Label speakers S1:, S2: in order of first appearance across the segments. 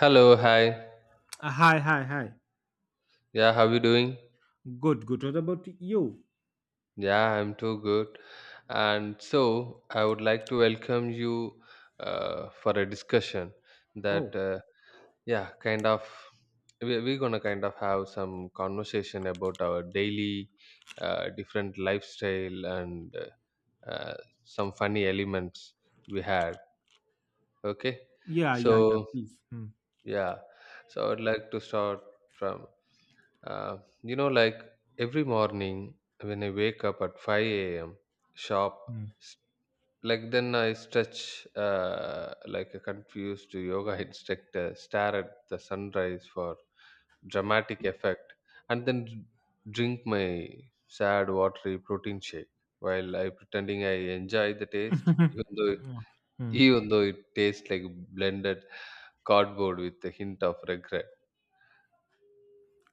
S1: Hello, hi.
S2: Hi, hi, hi.
S1: Yeah, how you doing?
S2: Good, good. What about you?
S1: Yeah, I'm too good. And so I would like to welcome you for a discussion that
S2: Oh,
S1: yeah, kind of we're gonna kind of have some conversation about our daily different lifestyle and uh, uh, some funny elements we had. Okay,
S2: yeah, yeah, yeah,
S1: so
S2: please.
S1: yeah, so I would like to start from Uh, like every morning when I wake up at 5 a.m., sharp, s- like then I stretch like a confused yoga instructor, stare at the sunrise for dramatic effect, and then drink my sad watery protein shake while I pretending I enjoy the taste, even though
S2: Hmm.
S1: even though it tastes like blended cardboard with a hint of regret.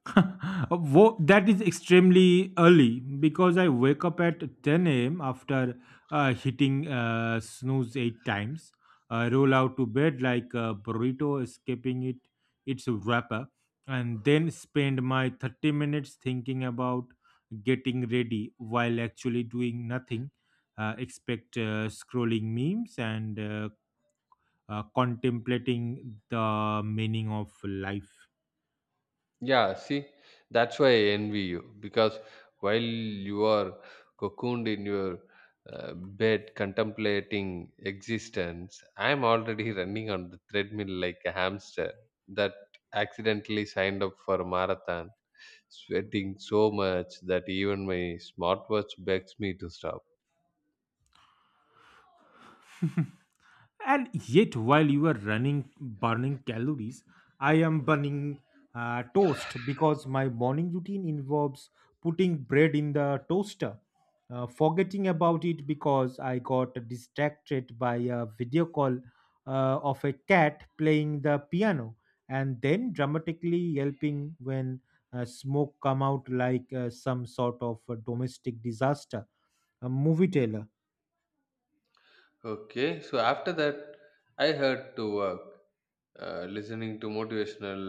S2: That is extremely early because I wake up at 10 a.m. after hitting snooze eight times, roll out to bed like a burrito, escaping it its wrapper, and then spend my 30 minutes thinking about getting ready while actually doing nothing. Expect scrolling memes and contemplating the meaning of life.
S1: Yeah, see, that's why I envy you because while you are cocooned in your bed contemplating existence, I'm already running on the treadmill like a hamster that accidentally signed up for a marathon, sweating so much that even my smartwatch begs me to stop.
S2: And yet, while you are running burning calories, I am burning toast, because my morning routine involves putting bread in the toaster, forgetting about it because I got distracted by a video call of a cat playing the piano, and then dramatically yelping when smoke come out, like some sort of a domestic disaster, a movie trailer.
S1: Okay, so after that, I had to work, listening to motivational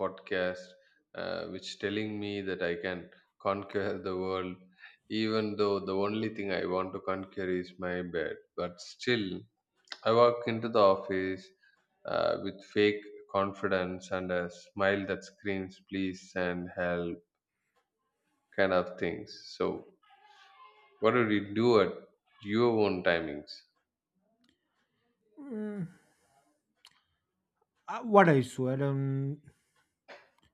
S1: podcast, which telling me that I can conquer the world, even though the only thing I want to conquer is my bed. But still, I walk into the office with fake confidence and a smile that screams "please" and "help" kind of things. So, what did you do at your own timings?
S2: Mm, what I swear.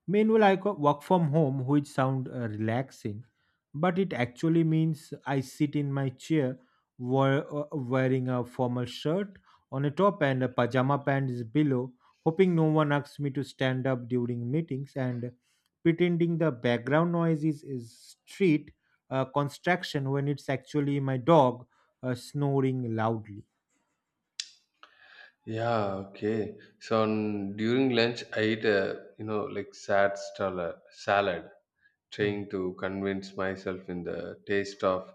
S2: Meanwhile, I work from home, which sound relaxing, but it actually means I sit in my chair wearing a formal shirt on a top and a pajama pants below, hoping no one asks me to stand up during meetings, and pretending the background noise is street construction, when it's actually my dog snoring loudly.
S1: Yeah, okay. So on, during lunch, I eat a like sad salad,
S2: Hmm.
S1: trying to convince myself in the taste of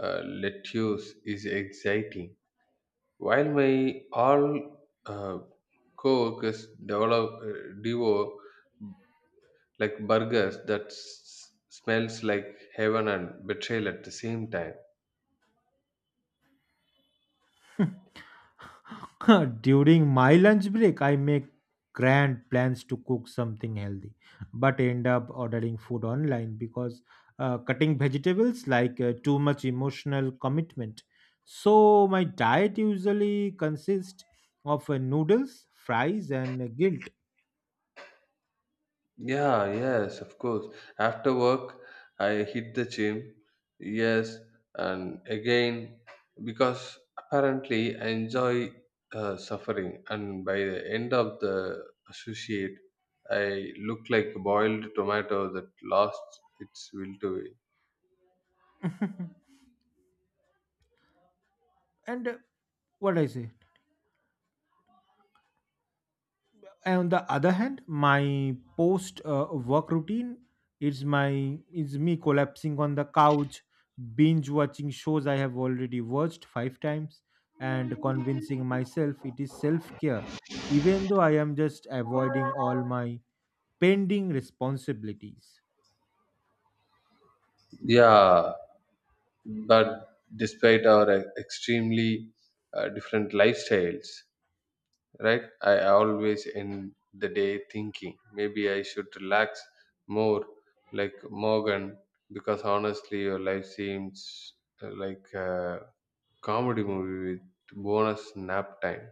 S1: lettuce is exciting. While my all uh, co-workers develop devour like burgers that smells like heaven and betrayal at the same time.
S2: During my lunch break, I make grand plans to cook something healthy, but end up ordering food online because cutting vegetables like too much emotional commitment. So my diet usually consists of noodles, fries, and guilt.
S1: Yeah, yes, of course. After work, I hit the gym. Yes, and again, because apparently I enjoy suffering, and by the end of the associate, I look like a boiled tomato that lost its will to
S2: And, what I say? On the other hand, my post work routine is my is me collapsing on the couch, binge watching shows I have already watched five times, and convincing myself it is self care, even though I am just avoiding all my pending responsibilities.
S1: be. Yeah, but despite our extremely different lifestyles, right, I always end the day thinking maybe I should relax more like Morgan, because honestly your life seems like a comedy movie with bonus nap time.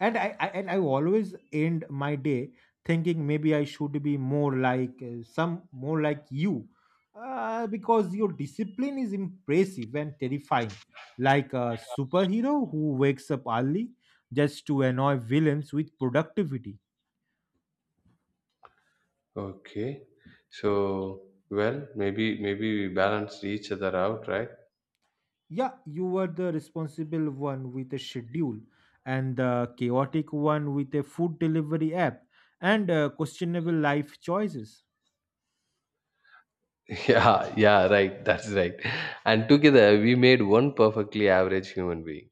S2: And I always end my day thinking maybe I should be more like you, because your discipline is impressive and terrifying, like a superhero who wakes up early just to annoy villains with productivity.
S1: Okay, so well, maybe we balanced each other out, right?
S2: Yeah, you were the responsible one with a schedule, and the chaotic one with a food delivery app and questionable life choices.
S1: Yeah, yeah, right, that's right, and together we made one perfectly average human being.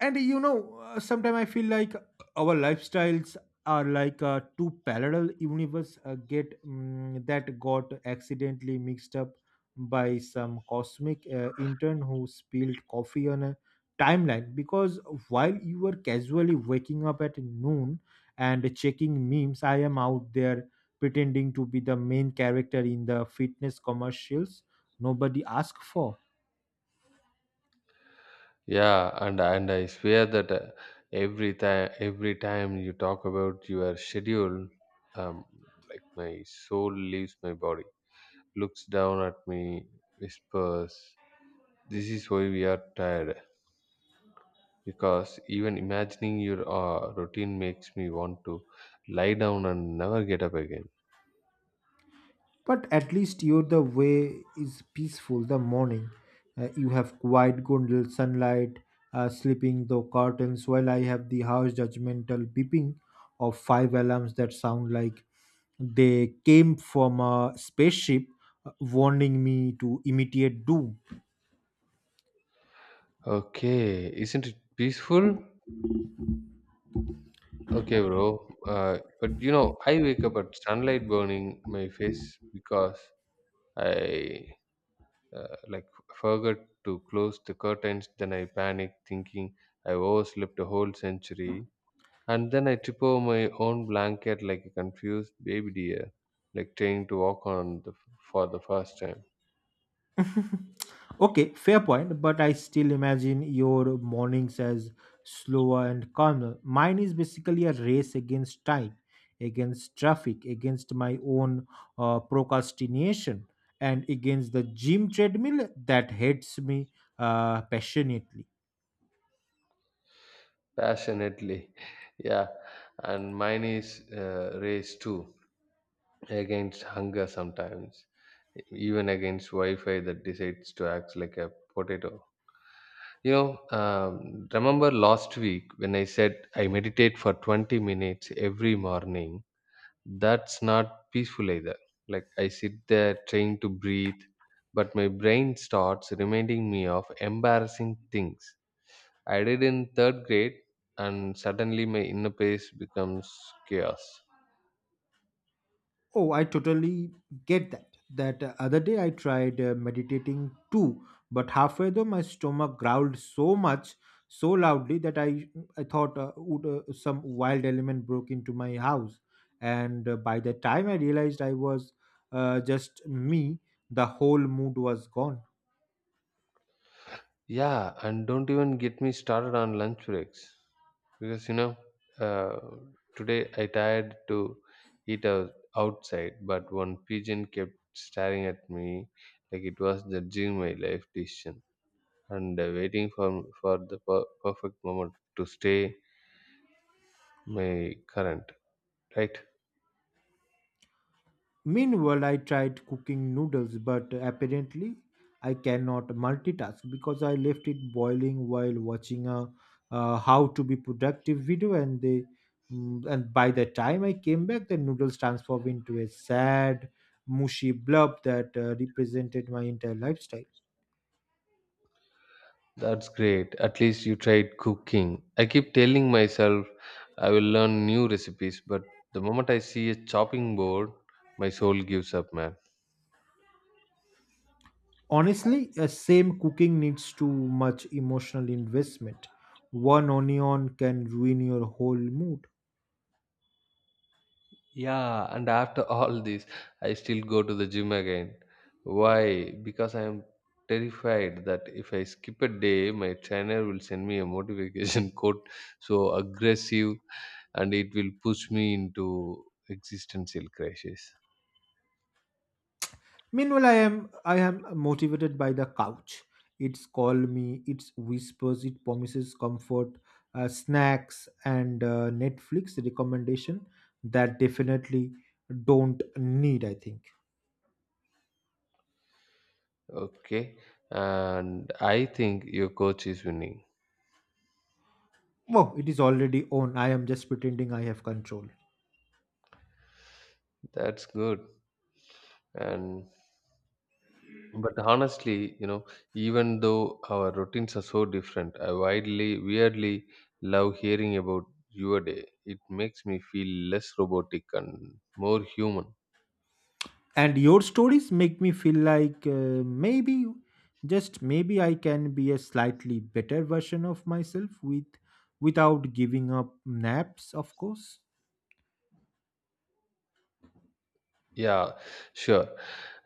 S2: And you know, sometimes I feel like our lifestyles are like two parallel universe that got accidentally mixed up by some cosmic intern who spilled coffee on a timeline, because while you were casually waking up at noon and checking memes, I am out there pretending to be the main character in the fitness commercials nobody asked for.
S1: Yeah, and I swear that every time you talk about your schedule, um, like my soul leaves my body, looks down at me, whispers, "This is why we are tired." Because even imagining your routine makes me want to lie down and never get up again.
S2: But at least your the way is peaceful the morning. You have quiet golden sunlight, slipping the curtains, while I have the house judgmental beeping of five alarms that sound like they came from a spaceship, warning me to imitate doom.
S1: Okay, isn't it peaceful? Okay, bro. But you know, I wake up at sunlight burning my face because I like forgot to close the curtains. Then I panicked, thinking I overslept a whole century. And then I trip over my own blanket like a confused baby deer, like trying to walk on the, for the first time
S2: Okay, fair point, but I still imagine your mornings as slower and calmer. Mine is basically a race against time, against traffic, against my own procrastination, and against the gym treadmill that hates me passionately.
S1: passionately. Yeah, and mine is race too against hunger sometimes, even against Wi-Fi that decides to act like a potato. You know, remember last week when I said I meditate for 20 minutes every morning? That's not peaceful either. Like, I sit there trying to breathe, but my brain starts reminding me of embarrassing things I did in third grade, and suddenly my inner peace becomes chaos.
S2: Oh, I totally get that. That other day I tried meditating too, but halfway though my stomach growled so much, so loudly that I thought some wild element broke into my house, and by the time I realized I was just me, the whole mood was gone.
S1: Yeah, and don't even get me started on lunch breaks, because uh, today I tried to eat outside, but one pigeon kept staring at me like it was judging my life decision and waiting for the perfect moment to stay my current. Right,
S2: Meanwhile, I tried cooking noodles, but apparently I cannot multitask because I left it boiling while watching a how to be productive video, and by the time I came back, the noodles transformed into a sad, mushy blob that represented my entire lifestyle.
S1: that's great. At least you tried cooking. I keep telling myself I will learn new recipes, but the moment I see a chopping board, my soul gives up, man.
S2: Honestly, a same cooking needs too much emotional investment. One onion can ruin your whole mood.
S1: Yeah, and after all this, I still go to the gym again. Why? Because I am terrified that if I skip a day, my trainer will send me a motivation quote so aggressive and it will push me into existential crisis.
S2: Meanwhile, I am motivated by the couch. It's call me. It's whispers. It promises comfort, snacks, and Netflix recommendation that definitely don't need. I think.
S1: Okay, and I think your coach is winning.
S2: Oh, it is already on. I am just pretending I have control.
S1: That's good. And but honestly, even though our routines are so different, I weirdly love hearing about your day. It makes me feel less robotic and more human.
S2: And your stories make me feel like maybe, just maybe, I can be a slightly better version of myself without giving up naps, of course.
S1: Yeah, sure.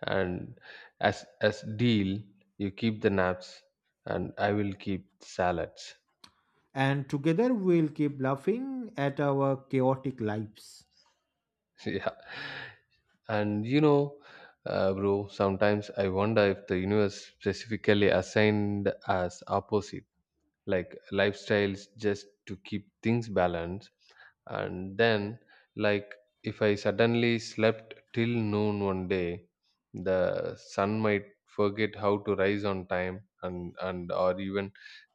S1: And as deal, you keep the naps, and I will keep salads.
S2: And together we'll keep laughing at our chaotic lives.
S1: Yeah, and you know, bro, sometimes I wonder if the universe specifically assigned us opposites like lifestyles just to keep things balanced, and then like if I suddenly slept till noon one day the sun might forget how to rise on time, and or even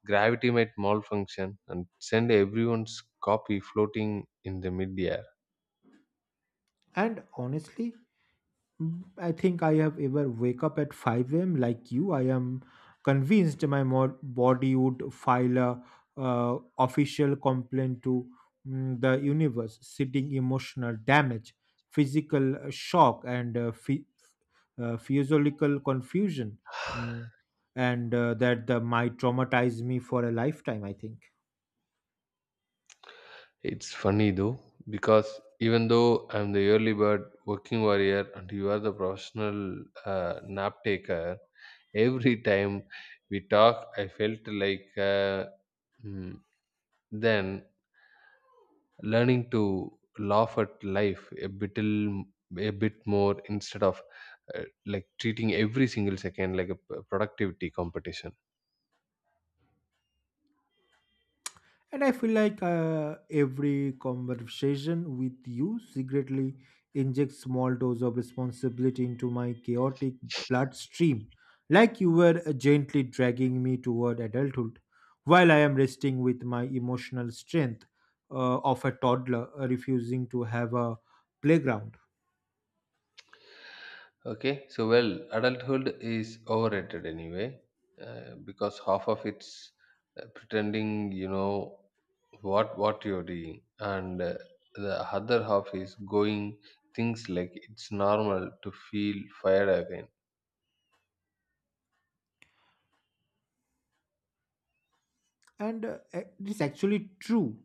S1: gravity might malfunction and send everyone's copy floating in the midair.
S2: And honestly, I think I have ever wake up at 5 a.m. like you. I am convinced my body would file a official complaint to the universe, citing emotional damage, physical shock, and physiological confusion. Mm, and that might traumatize me for a lifetime. I think.
S1: It's funny though, because even though I'm the early bird working warrior and you are the professional nap taker, every time we talk, I felt like mm, then learning to laugh at life a little, a bit more instead of like treating every single second like a productivity competition.
S2: And I feel like every conversation with you secretly injects small dose of responsibility into my chaotic bloodstream, like you were gently dragging me toward adulthood, while I am resting with my emotional strength of a toddler, refusing to have a playground.
S1: Okay, so well, adulthood is overrated anyway, because half of it's pretending you know what you're doing, and the other half is going things like it's normal to feel fired again.
S2: And it is actually true,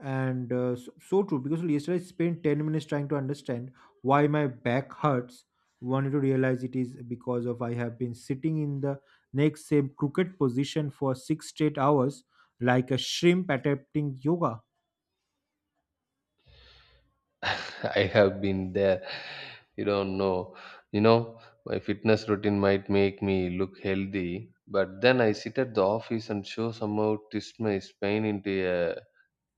S2: and so, so true, because yesterday I spent 10 minutes trying to understand why my back hurts, wanted to realize it is because of I have been sitting in the next same crooked position for 6 straight hours, like a shrimp attempting yoga.
S1: I have been there. You don't know. You know, my fitness routine might make me look healthy, but then I sit at the office and show somehow twist my spine into a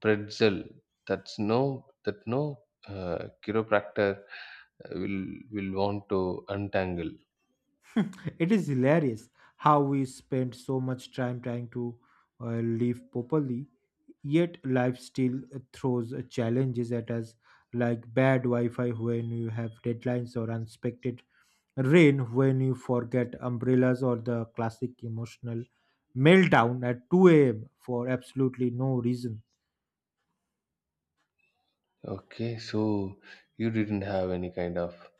S1: pretzel that's no chiropractor will want to untangle.
S2: It is hilarious how we spend so much time trying to live properly, yet life still throws challenges at us, like bad wi-fi when you have deadlines, or unexpected rain when you forget umbrellas, or the classic emotional meltdown at 2 a.m. for absolutely no reason.
S1: Okay, so you didn't have any kind of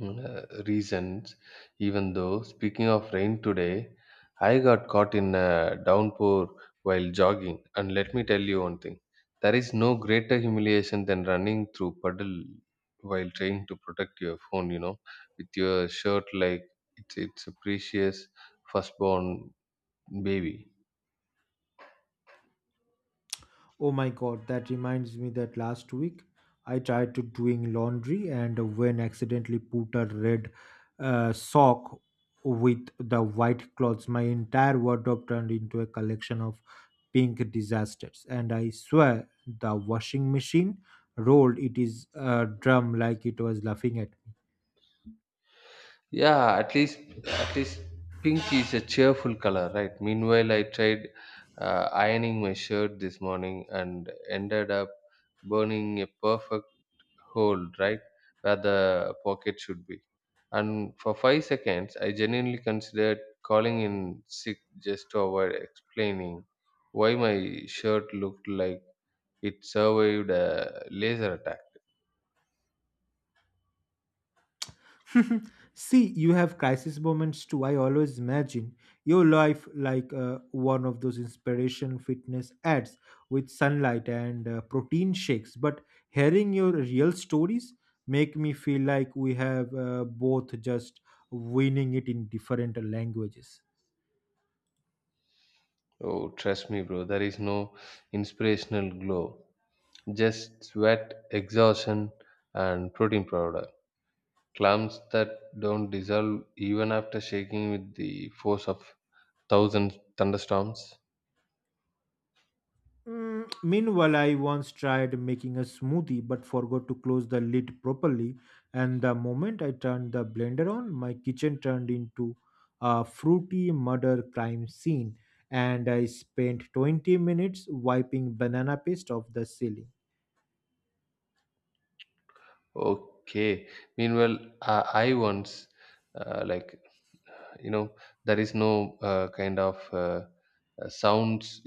S1: uh, reasons. Even though, speaking of rain today, I got caught in a downpour while jogging. And let me tell you one thing, there is no greater humiliation than running through puddle while trying to protect your phone, you know, with your shirt like it's a precious firstborn baby.
S2: Oh my god, that reminds me that last week I tried to doing laundry, and when accidentally put a red sock with the white clothes, my entire wardrobe turned into a collection of pink disasters. And I swear the washing machine rolled it is a drum like it was laughing at.
S1: Yeah, at least pink is a cheerful color, right? Meanwhile, I tried ironing my shirt this morning and ended up burning a perfect hole right where the pocket should be. And for 5 seconds, I genuinely considered calling in sick just to avoid explaining why my shirt looked like it survived a laser attack.
S2: See, you have crisis moments too. I always imagine your life like one of those inspiration fitness ads with sunlight and protein shakes. But hearing your real stories make me feel like we have both just winning it in different languages.
S1: Oh, trust me, bro, there is no inspirational glow, just sweat, exhaustion, and protein powder. Clumps that don't dissolve even after shaking with the force of thousand thunderstorms.
S2: Meanwhile, I once tried making a smoothie but forgot to close the lid properly. And the moment I turned the blender on, my kitchen turned into a fruity murder crime scene. And I spent 20 minutes wiping banana paste off the ceiling.
S1: Okay. Meanwhile, I once, like, you know, there is no kind of sounds.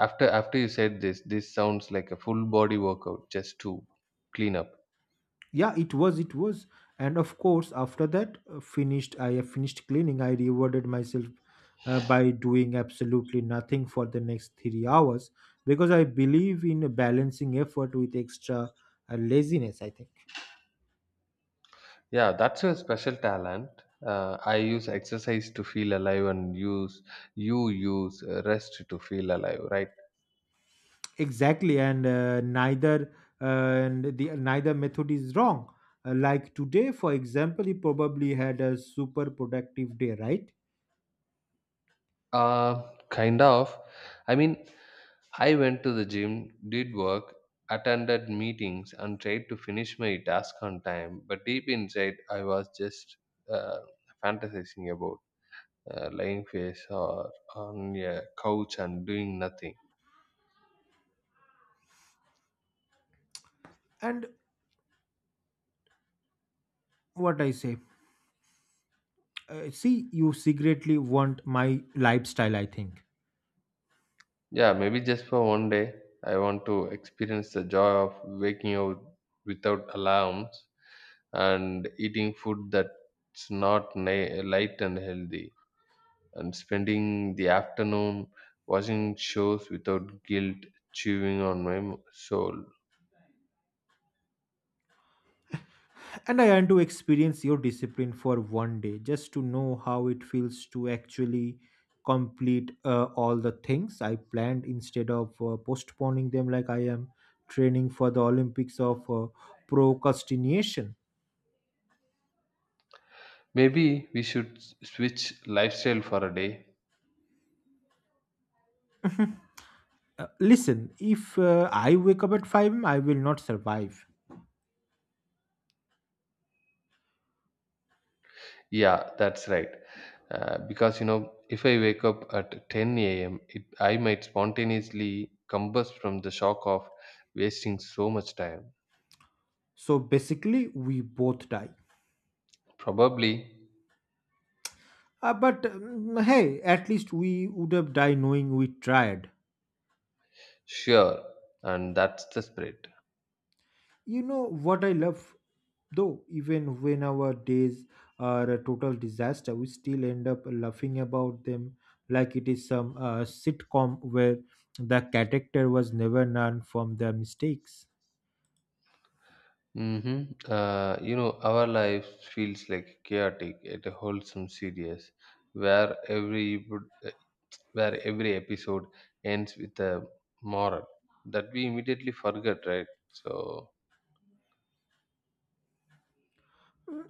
S1: After you said this, this sounds like a full body workout just to clean up.
S2: Yeah, it was, and of course, after that finished I have finished cleaning, I rewarded myself by doing absolutely nothing for the next 3 hours, because I believe in balancing effort with extra laziness, I think.
S1: Yeah, that's a special talent. I use exercise to feel alive, and use you use rest to feel alive, right?
S2: Exactly, and neither and the neither method is wrong. Like today, for example, you probably had a super productive day, right?
S1: Kind of. I mean, I went to the gym, did work, attended meetings, and tried to finish my task on time. But deep inside, I was just uh, fantasizing about lying face or on a couch and doing nothing.
S2: And what I say, see, you secretly want my lifestyle, I think.
S1: Yeah, maybe just for one day, I want to experience the joy of waking up without alarms and eating food that's not light and healthy, and spending the afternoon watching shows without guilt chewing on my soul.
S2: And I want to experience your discipline for one day just to know how it feels to actually complete all the things I planned, instead of postponing them like I am training for the Olympics of procrastination.
S1: Maybe we should switch lifestyle for a day.
S2: Listen, if I wake up at 5 a.m., I will not survive.
S1: Yeah, that's right. Because you know, if I wake up at 10 a.m., it, I might spontaneously combust from the shock of wasting so much time.
S2: So basically, we both die.
S1: Probably,
S2: But hey, at least we would have died knowing we tried.
S1: sure, and that's the spirit.
S2: You know what I love, though? Even when our days are a total disaster, we still end up laughing about them, like it is some sitcom where the character was never learned from their mistakes.
S1: Mm-hmm. Our life feels like chaotic at a wholesome series, where where every episode ends with a moral that we immediately forget, right? So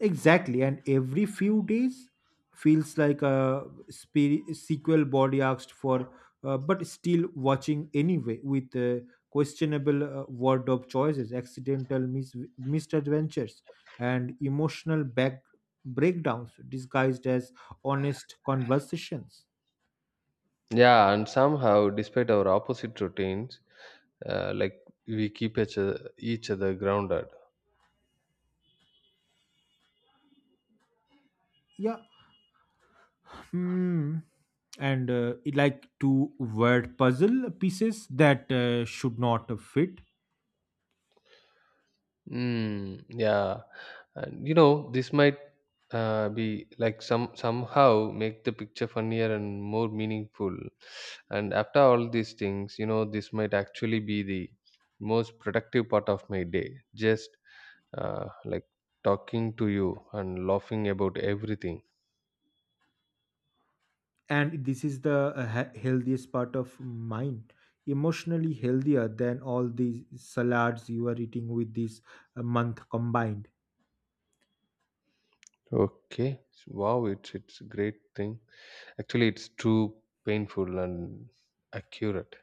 S2: Exactly, and every few days feels like a sequel body asked for, but still watching anyway with questionable wardrobe choices, accidental misadventures, and emotional back breakdowns disguised as honest conversations.
S1: yeah, and somehow, despite our opposite routines, like we keep each other grounded.
S2: Yeah. Hmm. And it like two word puzzle pieces that should not fit.
S1: Mm, yeah, and this might be like somehow make the picture funnier and more meaningful. And after all these things, you know, this might actually be the most productive part of my day. Just like talking to you and laughing about everything.
S2: And this is the healthiest part of mine, emotionally healthier than all these salads you are eating with this month combined.
S1: Okay, wow, it's a great thing. Actually, it's too painful and accurate.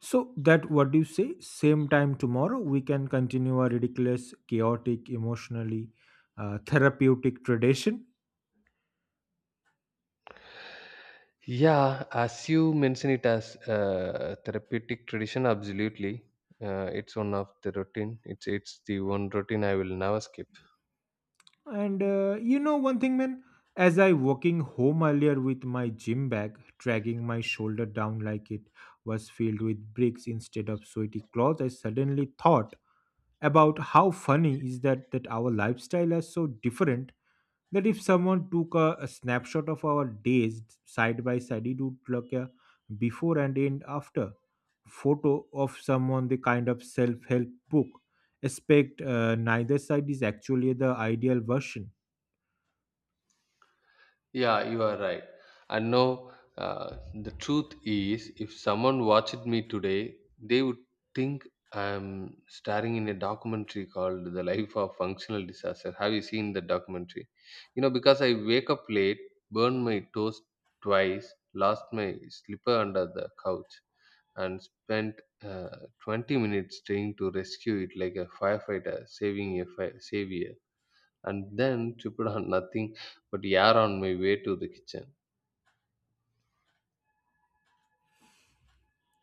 S2: So that, what do you say? Same time tomorrow, we can continue our ridiculous, chaotic, emotionally therapeutic tradition?
S1: Yeah, as you mention it as a therapeutic tradition, absolutely. It's one of the routine. It's the one routine I will never skip.
S2: And, you know one thing, man? As I walking home earlier with my gym bag dragging my shoulder down like it was filled with bricks instead of sweaty cloth, I suddenly thought about how funny is that that our lifestyle are so different, that if someone took a snapshot of our days side by side, it would look a before and end after photo of someone, the kind of self-help book aspect. Neither side is actually the ideal version.
S1: Yeah, you are right. And no, uh, the truth is, if someone watched me today, they would think I'm starring in a documentary called The Life of Functional Disaster. Have you seen the documentary? You know, because I wake up late, burn my toast twice, lost my slipper under the couch, and spent uh, 20 minutes trying to rescue it like a firefighter saving a fire savior and then to put on nothing but air on my way to the kitchen.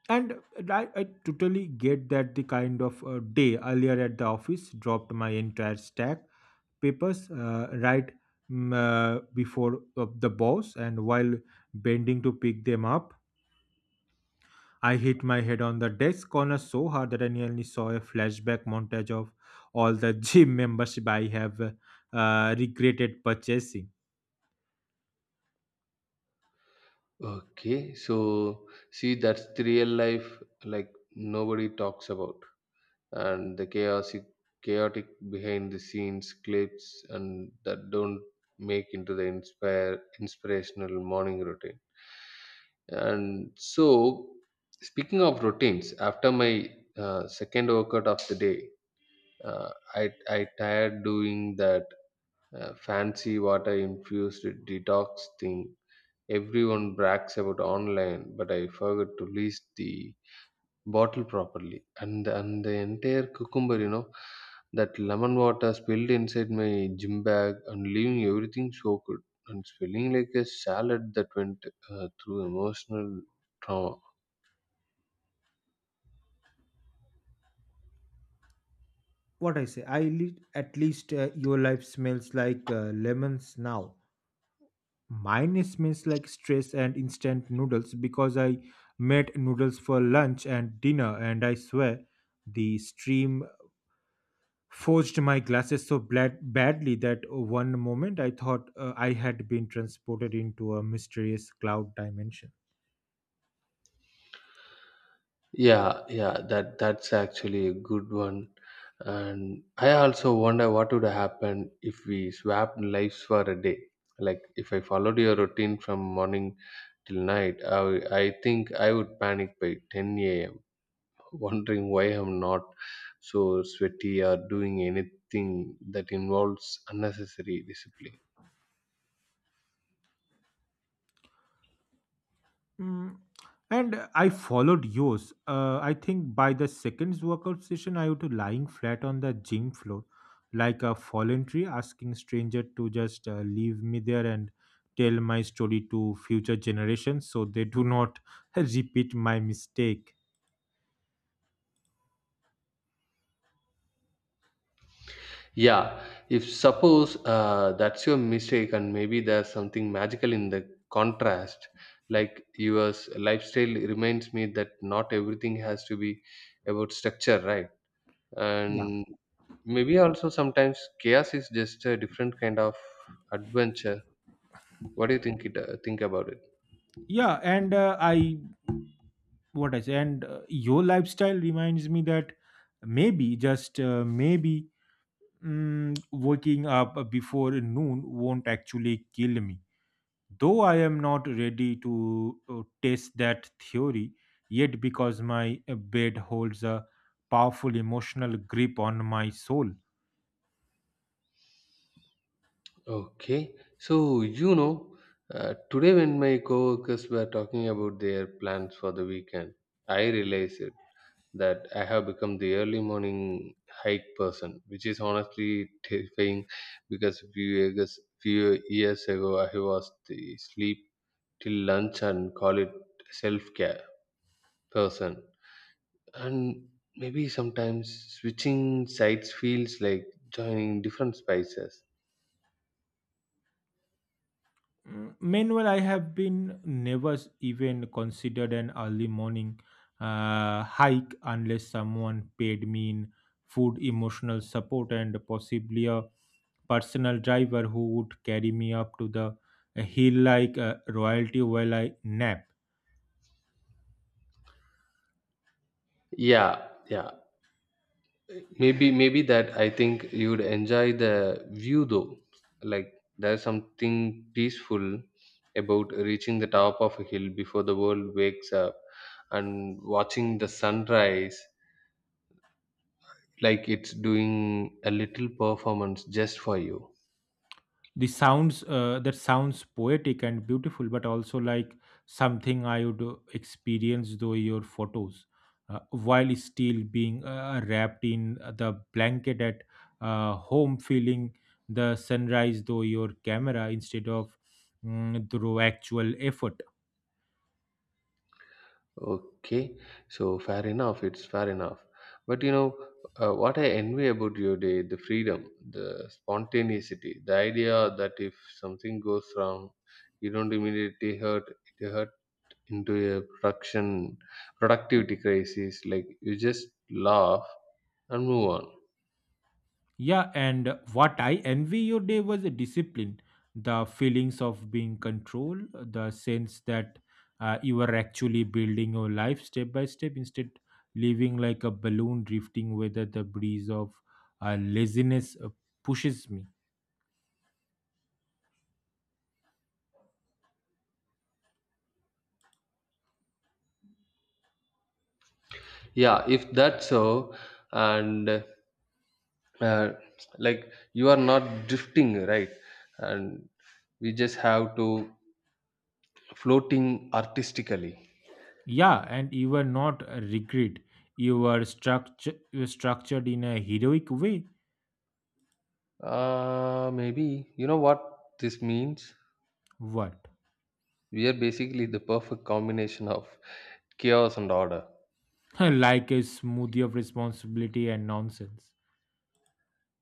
S2: And I totally get that. The kind of day earlier at the office, dropped my entire stack papers right, before of the boss, and while bending to pick them up, I hit my head on the desk corner so hard that I nearly saw a flashback montage of all the gym membership I have regretted purchasing.
S1: Okay, so see, that's the real life, like nobody talks about, and the chaotic behind the scenes clips, and that don't make into the inspire inspirational morning routine. And so, speaking of routines, after my second workout of the day, I tired doing that fancy water infused detox thing everyone brags about online, but I forgot to list the bottle properly. And the entire cucumber, that lemon water spilled inside my gym bag and leaving everything soaked and spilling like a salad that went through emotional trauma.
S2: What I say, at least your life smells like lemons now. Mine smells like stress and instant noodles, because I made noodles for lunch and dinner, and I swear the stream forged my glasses so badly that one moment I thought I had been transported into a mysterious cloud dimension.
S1: Yeah, yeah, that's actually a good one. And I also wonder what would happen if we swapped lives for a day. Like if I followed your routine from morning till night, I think I would panic by 10 a.m., wondering why I'm not so sweaty or doing anything that involves unnecessary discipline.
S2: Mm. And I followed yours. I think by the second workout session, I was lying flat on the gym floor like a fallen tree, asking stranger to just leave me there and tell my story to future generations so they do not repeat my mistake.
S1: Yeah, if suppose that's your mistake, and maybe there's something magical in the contrast. Like your lifestyle reminds me that not everything has to be about structure, right? And maybe also sometimes chaos is just a different kind of adventure. What do you think about it?
S2: Yeah. And, I what I say. And your lifestyle reminds me that maybe, just maybe, waking up before noon won't actually kill me. Though I am not ready to test that theory yet, because my bed holds a powerful emotional grip on my soul.
S1: Okay. So, you know, today when my coworkers were talking about their plans for the weekend, I realized it, that I have become the early morning hike person, which is honestly terrifying because a few years ago I was the sleep till lunch and call it self-care person. And maybe sometimes switching sides feels like joining different spices.
S2: Meanwhile, I have been never even considered an early morning hike unless someone paid me in food, emotional support, and possibly a personal driver who would carry me up to the hill like royalty while I nap.
S1: Yeah, yeah. Maybe that, I think you'd enjoy the view though. Like there's something peaceful about reaching the top of a hill before the world wakes up and watching the sunrise like it's doing a little performance just for you.
S2: The sounds that sounds poetic and beautiful, but also like something I would experience though your photos, while still being wrapped in the blanket at home, feeling the sunrise though your camera, instead of through actual effort.
S1: Okay, so fair enough. It's fair enough. But you know, what I envy about your day, the freedom, the spontaneity, the idea that if something goes wrong, you don't immediately hurt into a production productivity crisis. Like you just laugh and move on.
S2: Yeah, and what I envy your day was the discipline, the feelings of being controlled, the sense that you are actually building your life step by step, instead living like a balloon drifting whether the breeze of laziness pushes me.
S1: Yeah, if that's so, and uh, like you are not drifting, right? And we just have to floating artistically.
S2: Yeah, and you were not a regret. You were structured in a heroic way.
S1: Maybe. You know what this means?
S2: What?
S1: We are basically the perfect combination of chaos and order.
S2: Like a smoothie of responsibility and nonsense.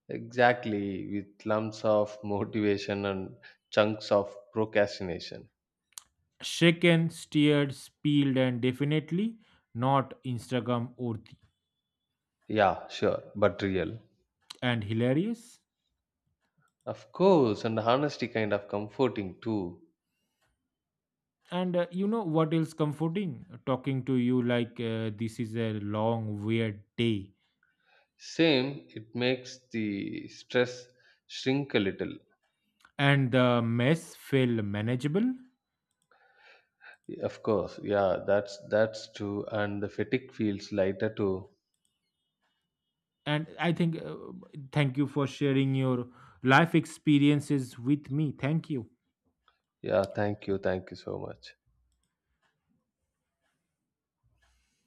S1: Exactly, with lumps of motivation and chunks of procrastination.
S2: Shaken, steered, peeled, and definitely not Instagram worthy,
S1: Yeah, sure, but real.
S2: and hilarious.
S1: Of course, and honesty kind of comforting too.
S2: And you know what else comforting? Talking to you, like this is a long, weird day.
S1: Same, it makes the stress shrink a little.
S2: And the mess feel manageable.
S1: Of course, yeah, that's true, and the fatigue feels lighter too.
S2: And I think, thank you for sharing your life experiences with me. Thank you.
S1: Yeah, thank you so much.